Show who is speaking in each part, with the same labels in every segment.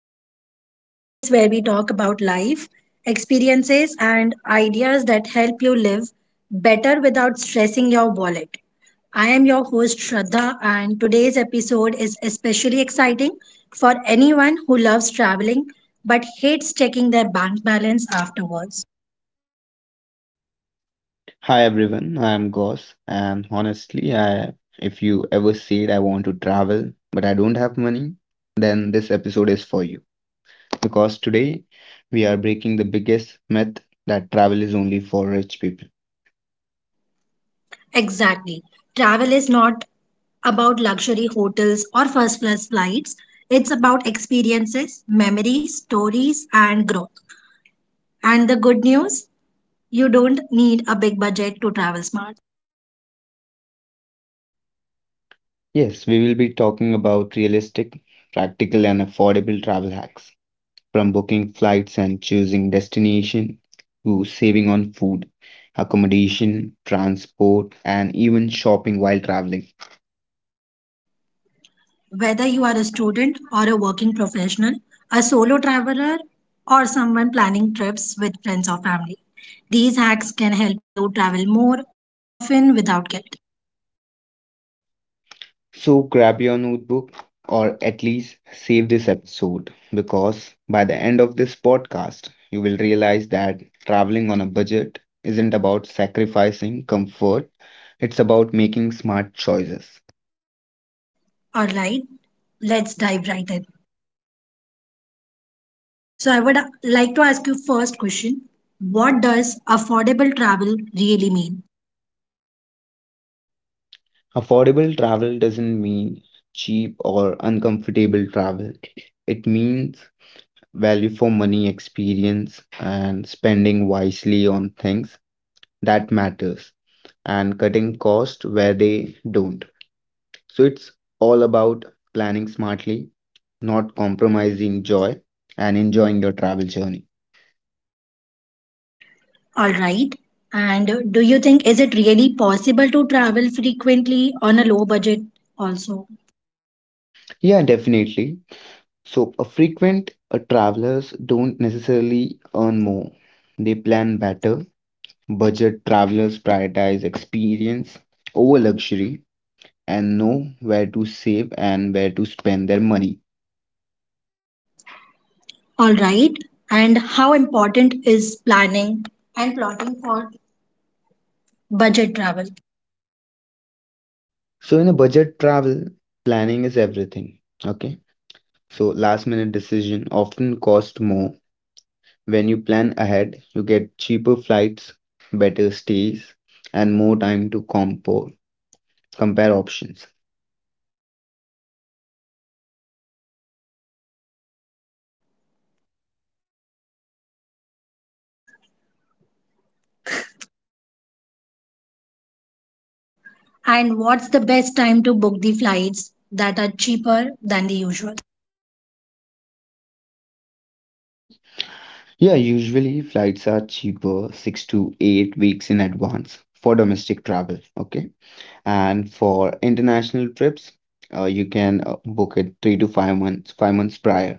Speaker 1: Podcast, the place where we talk about life, experiences, and ideas that help you live better without stressing your wallet. I am your host, Shraddha, and today's episode is especially exciting for anyone who loves traveling but hates checking their bank balance afterwards.
Speaker 2: Hi everyone, I am Goss, and honestly, I if you ever said I want to travel but I don't have money, then this episode is for you because today we are breaking the biggest myth that travel is only for rich people.
Speaker 1: Exactly. Travel is not about luxury hotels or first class flights. It's about experiences, memories, stories, and growth. And the good news, you don't need a big budget to travel smart.
Speaker 2: Yes, we will be talking about realistic, practical, and affordable travel hacks from booking flights and choosing destination to saving on food, accommodation, transport, and even shopping while traveling.
Speaker 1: Whether you are a student or a working professional, a solo traveler, or someone planning trips with friends or family, these hacks can help you travel more often without guilt.
Speaker 2: So grab your notebook or at least save this episode because by the end of this podcast, you will realize that traveling on a budget isn't about sacrificing comfort, it's about making smart choices.
Speaker 1: All right, let's dive right in. So I would like to ask you first question. What does affordable travel really mean?
Speaker 2: Affordable travel doesn't mean cheap or uncomfortable travel, it means value for money experience and spending wisely on things that matters and cutting costs where they don't. So it's all about planning smartly, not compromising joy, and enjoying your travel journey.
Speaker 1: All right. And do you think is it really possible to travel frequently on a low budget also?
Speaker 2: Yeah, definitely. So, a frequent travelers don't necessarily earn more, they plan better. Budget travelers prioritize experience over luxury and know where to save and where to spend their money.
Speaker 1: All right. And how important is planning and plotting for budget travel?
Speaker 2: So in a budget travel, planning is everything. Okay. So last minute decision often cost more. When you plan ahead, you get cheaper flights, better stays, and more time to compare options.
Speaker 1: And what's the best time to book the flights that are cheaper than the usual?
Speaker 2: Sorry. Yeah, usually flights are cheaper 6 to 8 weeks in advance for domestic travel. Okay. And for international trips, you can book it 3 to 5 months, 5 months prior.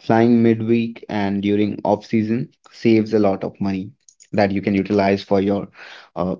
Speaker 2: Flying midweek and during off season saves a lot of money that you can utilize for your uh,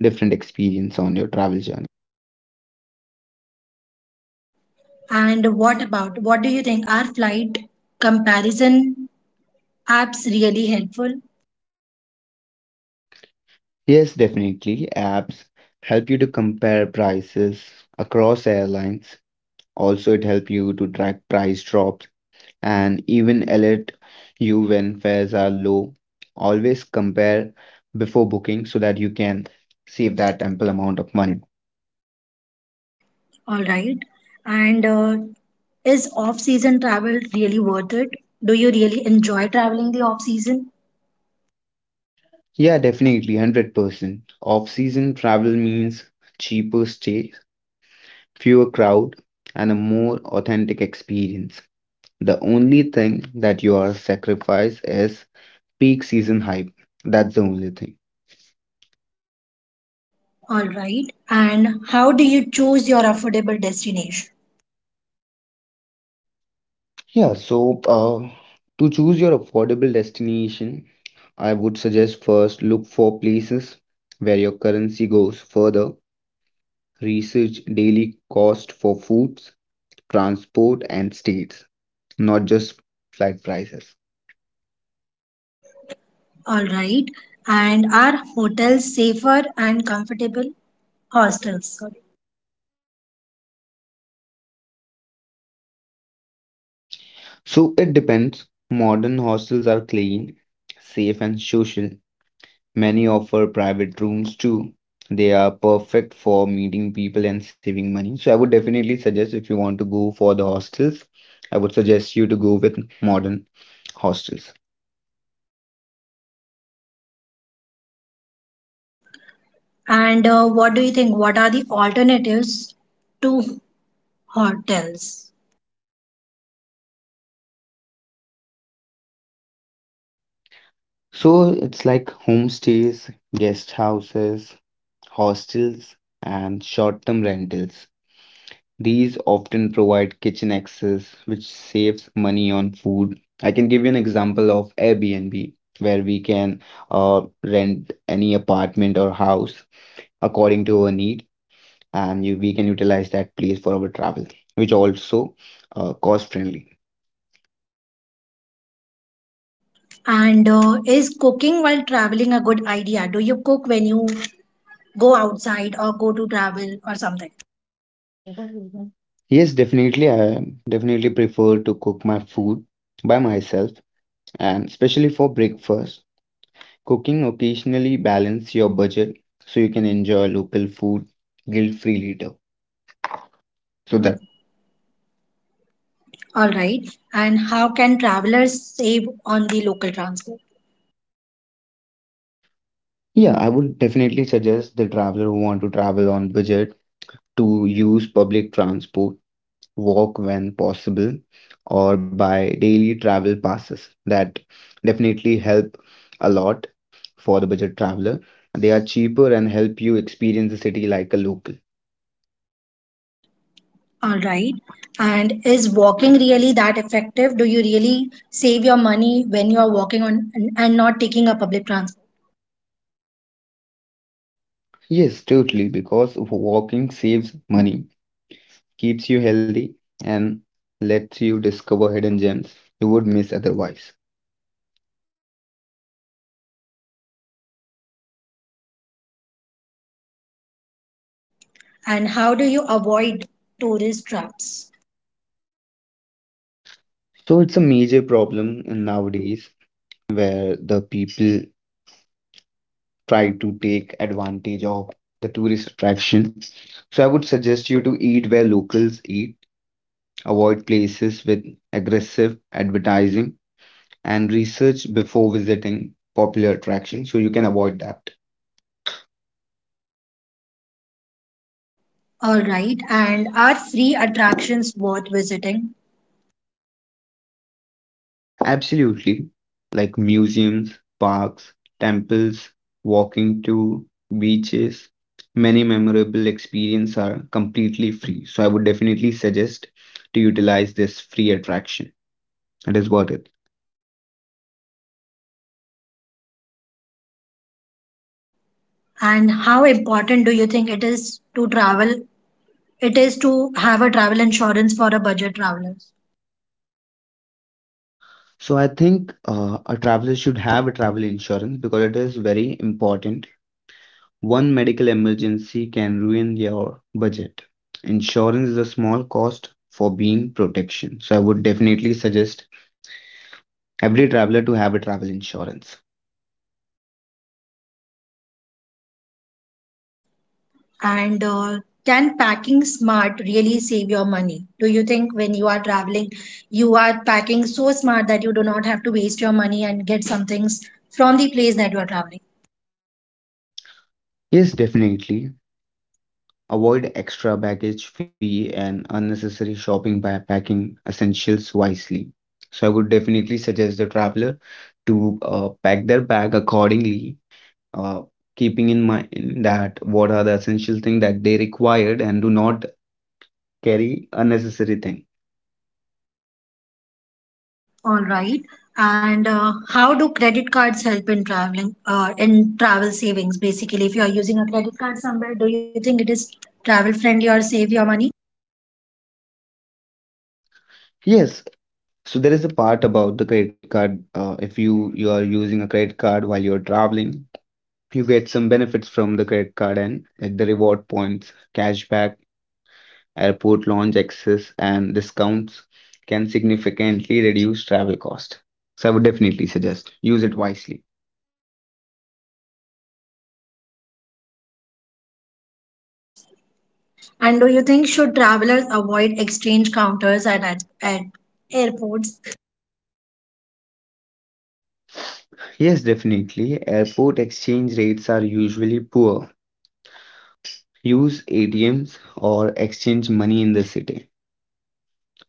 Speaker 2: different experience on your travel journey.
Speaker 1: And what about what do you think are flight comparison apps really helpful?
Speaker 2: Yes, definitely. Apps help you to compare prices across airlines. Also, it help you to track price drops and even alert you when fares are low. Always compare before booking so that you can save that ample amount of money.
Speaker 1: All right. And is off-season travel really worth it? Do you really enjoy traveling the off-season?
Speaker 2: Yeah, definitely, 100%. Off-season travel means cheaper stay, fewer crowd, and a more authentic experience. The only thing that you are sacrifice is peak season hype. That's the only thing.
Speaker 1: All right. And how do you choose your affordable destination?
Speaker 2: Yeah, so to choose your affordable destination, I would suggest first look for places where your currency goes further, research daily cost for foods, transport, and stays, not just flight prices.
Speaker 1: All right. And are hotels safer and comfortable? Hostels, sorry.
Speaker 2: So it depends. Modern hostels are clean, safe, and social. Many offer private rooms too. They are perfect for meeting people and saving money. So I would definitely suggest if you want to go for the hostels, I would suggest you to go with modern hostels.
Speaker 1: And what do you think? What are the alternatives to hotels?
Speaker 2: So it's like homestays, guest houses, hostels, and short term rentals. These often provide kitchen access, which saves money on food. I can give you an example of Airbnb, where we can rent any apartment or house according to our need, and you, we can utilize that place for our travel, which also cost friendly.
Speaker 1: And is cooking while traveling a good idea? Do you cook when you go outside or go to travel or something?
Speaker 2: Yes, definitely. I definitely prefer to cook my food by myself, and especially for breakfast. Cooking occasionally balance your budget so you can enjoy local food guilt-free later.
Speaker 1: So
Speaker 2: So
Speaker 1: then,
Speaker 2: that,
Speaker 1: all right. And how can travelers save on the local transport?
Speaker 2: yeah, I would definitely suggest the traveler who want to travel on budget to use public transport, walk when possible, or buy daily travel passes that definitely help a lot for the budget traveler. They are cheaper and help you experience the city like a local.
Speaker 1: All right. And is walking really that effective? Do you really save your money when you are walking on and not taking a public transport?
Speaker 2: Yes, totally, because walking saves money, keeps you healthy, and lets you discover hidden gems you would miss otherwise.
Speaker 1: And how do you avoid tourist traps?
Speaker 2: So it's a major problem in nowadays where the people try to take advantage of the tourist attractions. So I would suggest you to eat where locals eat, avoid places with aggressive advertising, and research before visiting popular attractions so you can avoid that.
Speaker 1: All right. And are free attractions worth visiting?
Speaker 2: Absolutely. Like museums, parks, temples, walking to beaches, many memorable experiences are completely free. So I would definitely suggest to utilize this free attraction. It is worth it.
Speaker 1: And how important do you think it is to travel? It is to have a travel insurance for a budget traveler?
Speaker 2: So I think a traveler should have a travel insurance because it is very important. One medical emergency can ruin your budget. Insurance is a small cost for being protection. So I would definitely suggest every traveler to have a travel insurance.
Speaker 1: And can packing smart really save your money? Do you think when you are traveling, you are packing so smart that you do not have to waste your money and get some things from the place that you are traveling?
Speaker 2: Yes, definitely. Avoid extra baggage fee and unnecessary shopping by packing essentials wisely. So I would definitely suggest the traveler to pack their bag accordingly, uh, keeping in mind that what are the essential thing that they required and do not carry unnecessary thing.
Speaker 1: All right. And how do credit cards help in traveling, in travel savings? Basically, if you are using a credit card somewhere, do you think it is travel friendly or save your money?
Speaker 2: Yes, so there is a part about the credit card. If you are using a credit card while you're traveling, you get some benefits from the credit card and like the reward points, cashback, airport lounge access, and discounts can significantly reduce travel cost. So I would definitely suggest use it wisely.
Speaker 1: And do you think should travelers avoid exchange counters at airports?
Speaker 2: Yes, definitely. Airport exchange rates are usually poor. Use ATMs or exchange money in the city.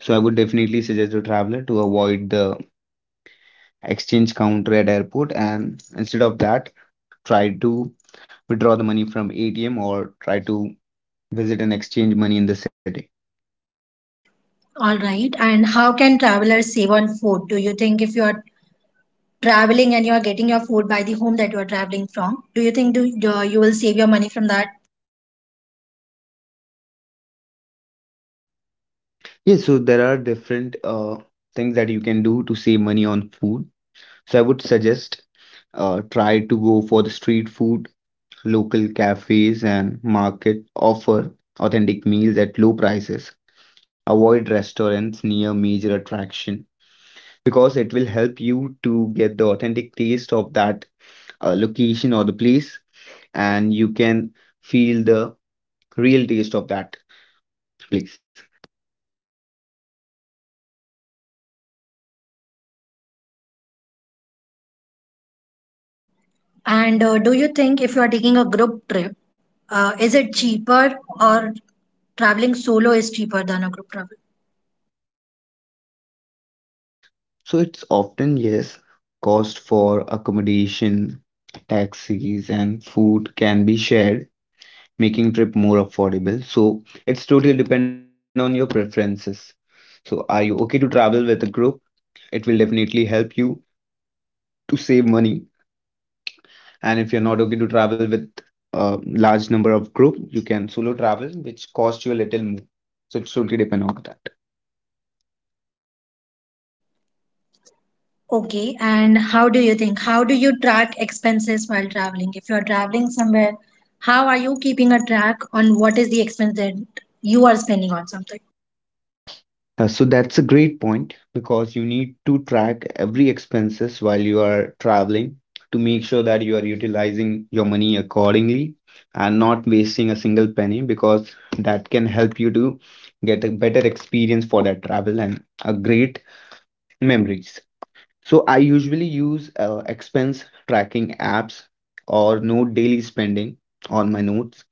Speaker 2: So I would definitely suggest a traveler to avoid the exchange counter at airport and instead of that, try to withdraw the money from ATM or try to visit and exchange money in the city.
Speaker 1: All right. And how can travelers save on food? Do you think if you are traveling and you are getting your food by the home that you are traveling from, do you think you will save your money from that?
Speaker 2: Yes, so there are different things that you can do to save money on food. So I would suggest try to go for the street food, local cafes and market offer authentic meals at low prices. Avoid restaurants near major attraction because it will help you to get the authentic taste of that location or the place, and you can feel the real taste of that place.
Speaker 1: And do you think if you are taking a group trip, is it cheaper or traveling solo is cheaper than a group travel?
Speaker 2: So it's often, yes, cost for accommodation, taxis, and food can be shared, making trip more affordable. So it's totally depend on your preferences. So are you okay to travel with a group? It will definitely help you to save money, and if you're not okay to travel with a large number of group, you can solo travel which costs you a little more, so it totally depend on that.
Speaker 1: Okay. And how do you think? How do you track expenses while traveling? If you are traveling somewhere, how are you keeping a track on what is the expense that you are spending on something?
Speaker 2: So that's a great point because you need to track every expenses while you are traveling to make sure that you are utilizing your money accordingly and not wasting a single penny because that can help you to get a better experience for that travel and a great memories. So I usually use expense tracking apps or note daily spending on my notes.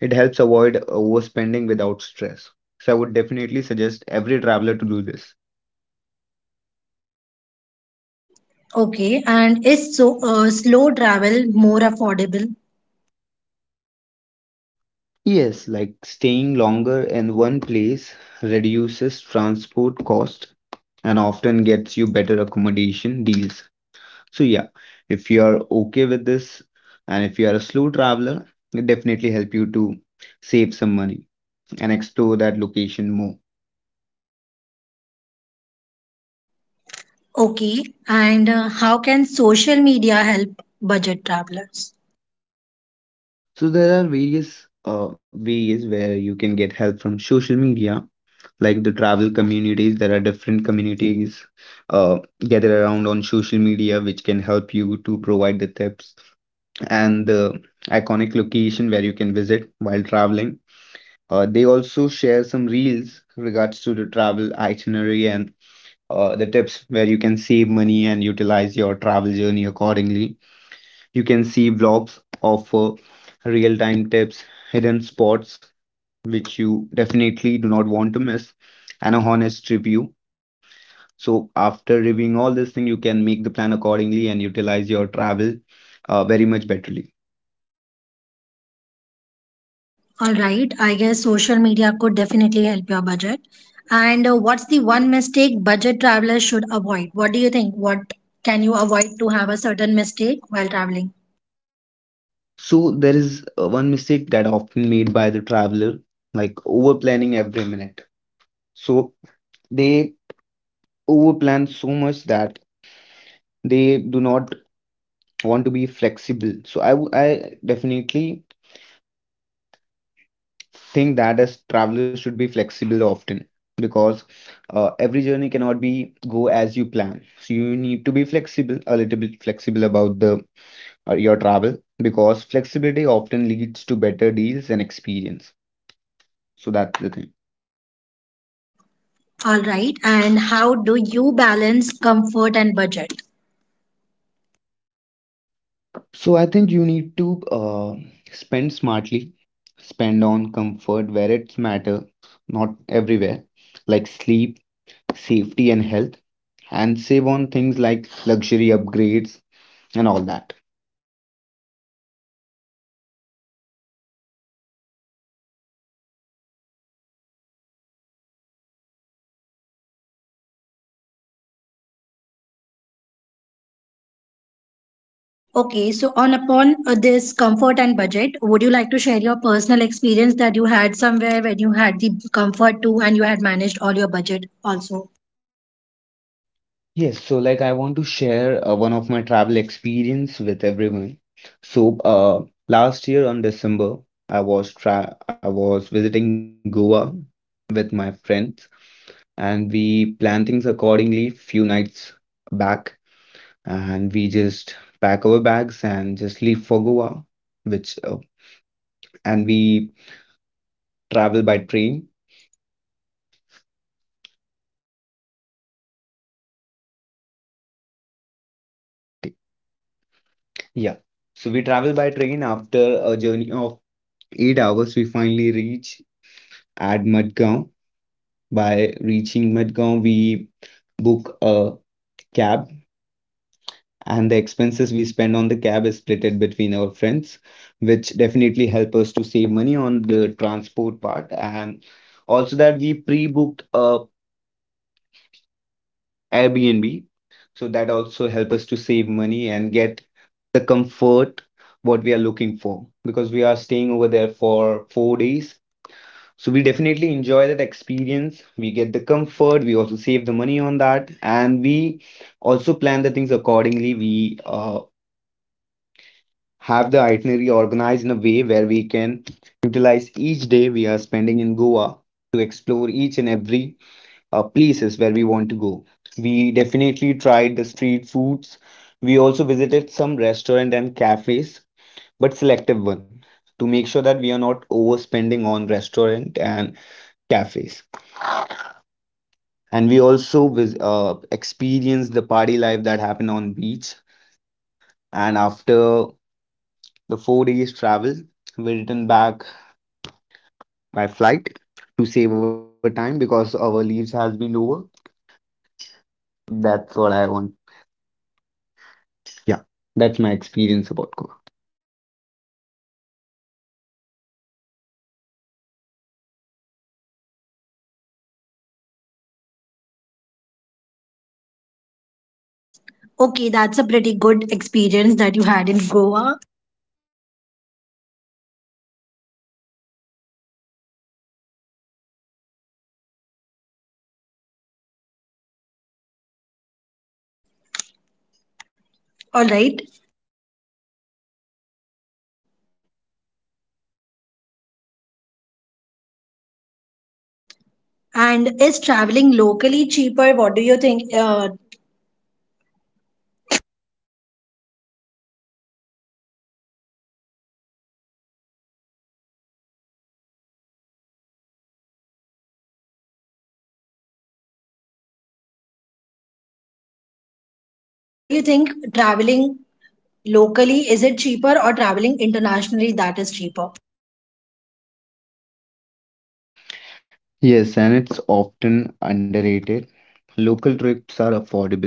Speaker 2: It helps avoid overspending without stress. So I would definitely suggest every traveler to do this.
Speaker 1: Okay, and is slow travel more affordable?
Speaker 2: Yes, like staying longer in one place reduces transport cost and often gets you better accommodation deals. So yeah, if you are okay with this and if you are a slow traveler, it definitely help you to save some money and explore that location more.
Speaker 1: Okay, and how can social media help budget travelers?
Speaker 2: So there are various ways where you can get help from social media, like the travel communities. There are different communities uh, gather around on social media, which can help you to provide the tips and the iconic location where you can visit while traveling. They also share some reels regards to the travel itinerary and the tips where you can save money and utilize your travel journey accordingly. You can see vlogs, offer real time tips, hidden spots, which you definitely do not want to miss, and a honest review. So, after reviewing all this thing, you can make the plan accordingly and utilize your travel very much betterly.
Speaker 1: All right, I guess social media could definitely help your budget. And what's the one mistake budget travelers should avoid? What do you think? What can you avoid to have a certain mistake while traveling?
Speaker 2: So, there is one mistake that often made by the traveler, like over planning every minute. So, they over plan so much that they do not want to be flexible. So, I definitely think that as travelers should be flexible often because every journey cannot be go as you plan, so you need to be flexible, a little bit flexible about the your travel because flexibility often leads to better deals and experience, so that's the thing.
Speaker 1: All right, and how do you balance comfort and budget?
Speaker 2: So I think you need to spend smartly, spend on comfort where it's matter, not everywhere, like sleep, safety and health, and save on things like luxury upgrades and all that.
Speaker 1: Okay, so on upon this comfort and budget, would you like to share your personal experience that you had somewhere when you had the comfort too and you had managed all your budget also?
Speaker 2: Yes, so like I want to share one of my travel experience with everyone. So last year on December, I was visiting Goa with my friends, and we planned things accordingly few nights back, and we just pack our bags and just leave for Goa, which and we travel by train. I think. Yeah, so we travel by train after a journey of 8 hours. We finally reach at Madgaon. By reaching Madgaon, we book a cab, and the expenses we spend on the cab is splitted between our friends, which definitely help us to save money on the transport part, and also that we pre-booked a Airbnb, so that also help us to save money and get the comfort what we are looking for because we are staying over there for 4 days. So we definitely enjoy that experience. We get the comfort. We also save the money on that, and we also plan the things accordingly. We have the itinerary organized in a way where we can utilize each day we are spending in Goa to explore each and every places where we want to go. We definitely tried the street foods. We also visited some restaurant and cafes, but selective one to make sure that we are not overspending on restaurant and cafes. And we also experienced the party life that happened on beach, and after the 4 days travel we returned back by flight to save our time because our leaves has been over. That's what I want. Yeah, that's my experience about Goa.
Speaker 1: Okay, that's a pretty good experience that you had in Goa. All right. And is traveling locally cheaper? What do you think? Do you think traveling locally is it cheaper or traveling internationally that is cheaper?
Speaker 2: Yes, and it's often underrated. Local trips are affordable,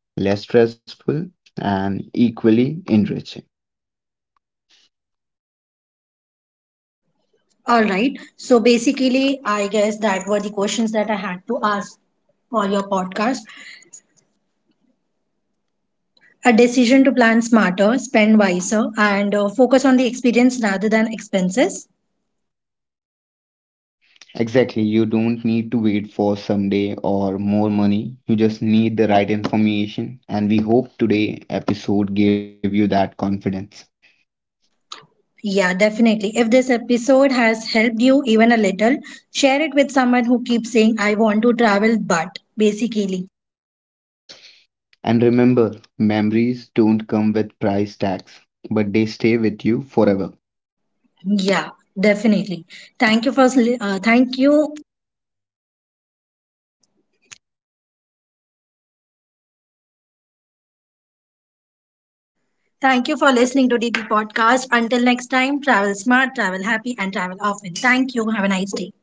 Speaker 2: less stressful, and equally enriching.
Speaker 1: All right. So basically, I guess that were the questions that I had to ask for your podcast. A decision to plan smarter, spend wiser, and focus on the experience rather than expenses.
Speaker 2: Exactly. You don't need to wait for someday or more money. You just need the right information. And we hope today episode gave you that confidence.
Speaker 1: Yeah, definitely. If this episode has helped you even a little, share it with someone who keeps saying, I want to travel, but basically.
Speaker 2: And remember, memories don't come with price tags, but they stay with you forever.
Speaker 1: Yeah, definitely. Thank you for, thank you. Thank you for listening to DP Podcast. Until next time, travel smart, travel happy, and travel often. Thank you. Have a nice day.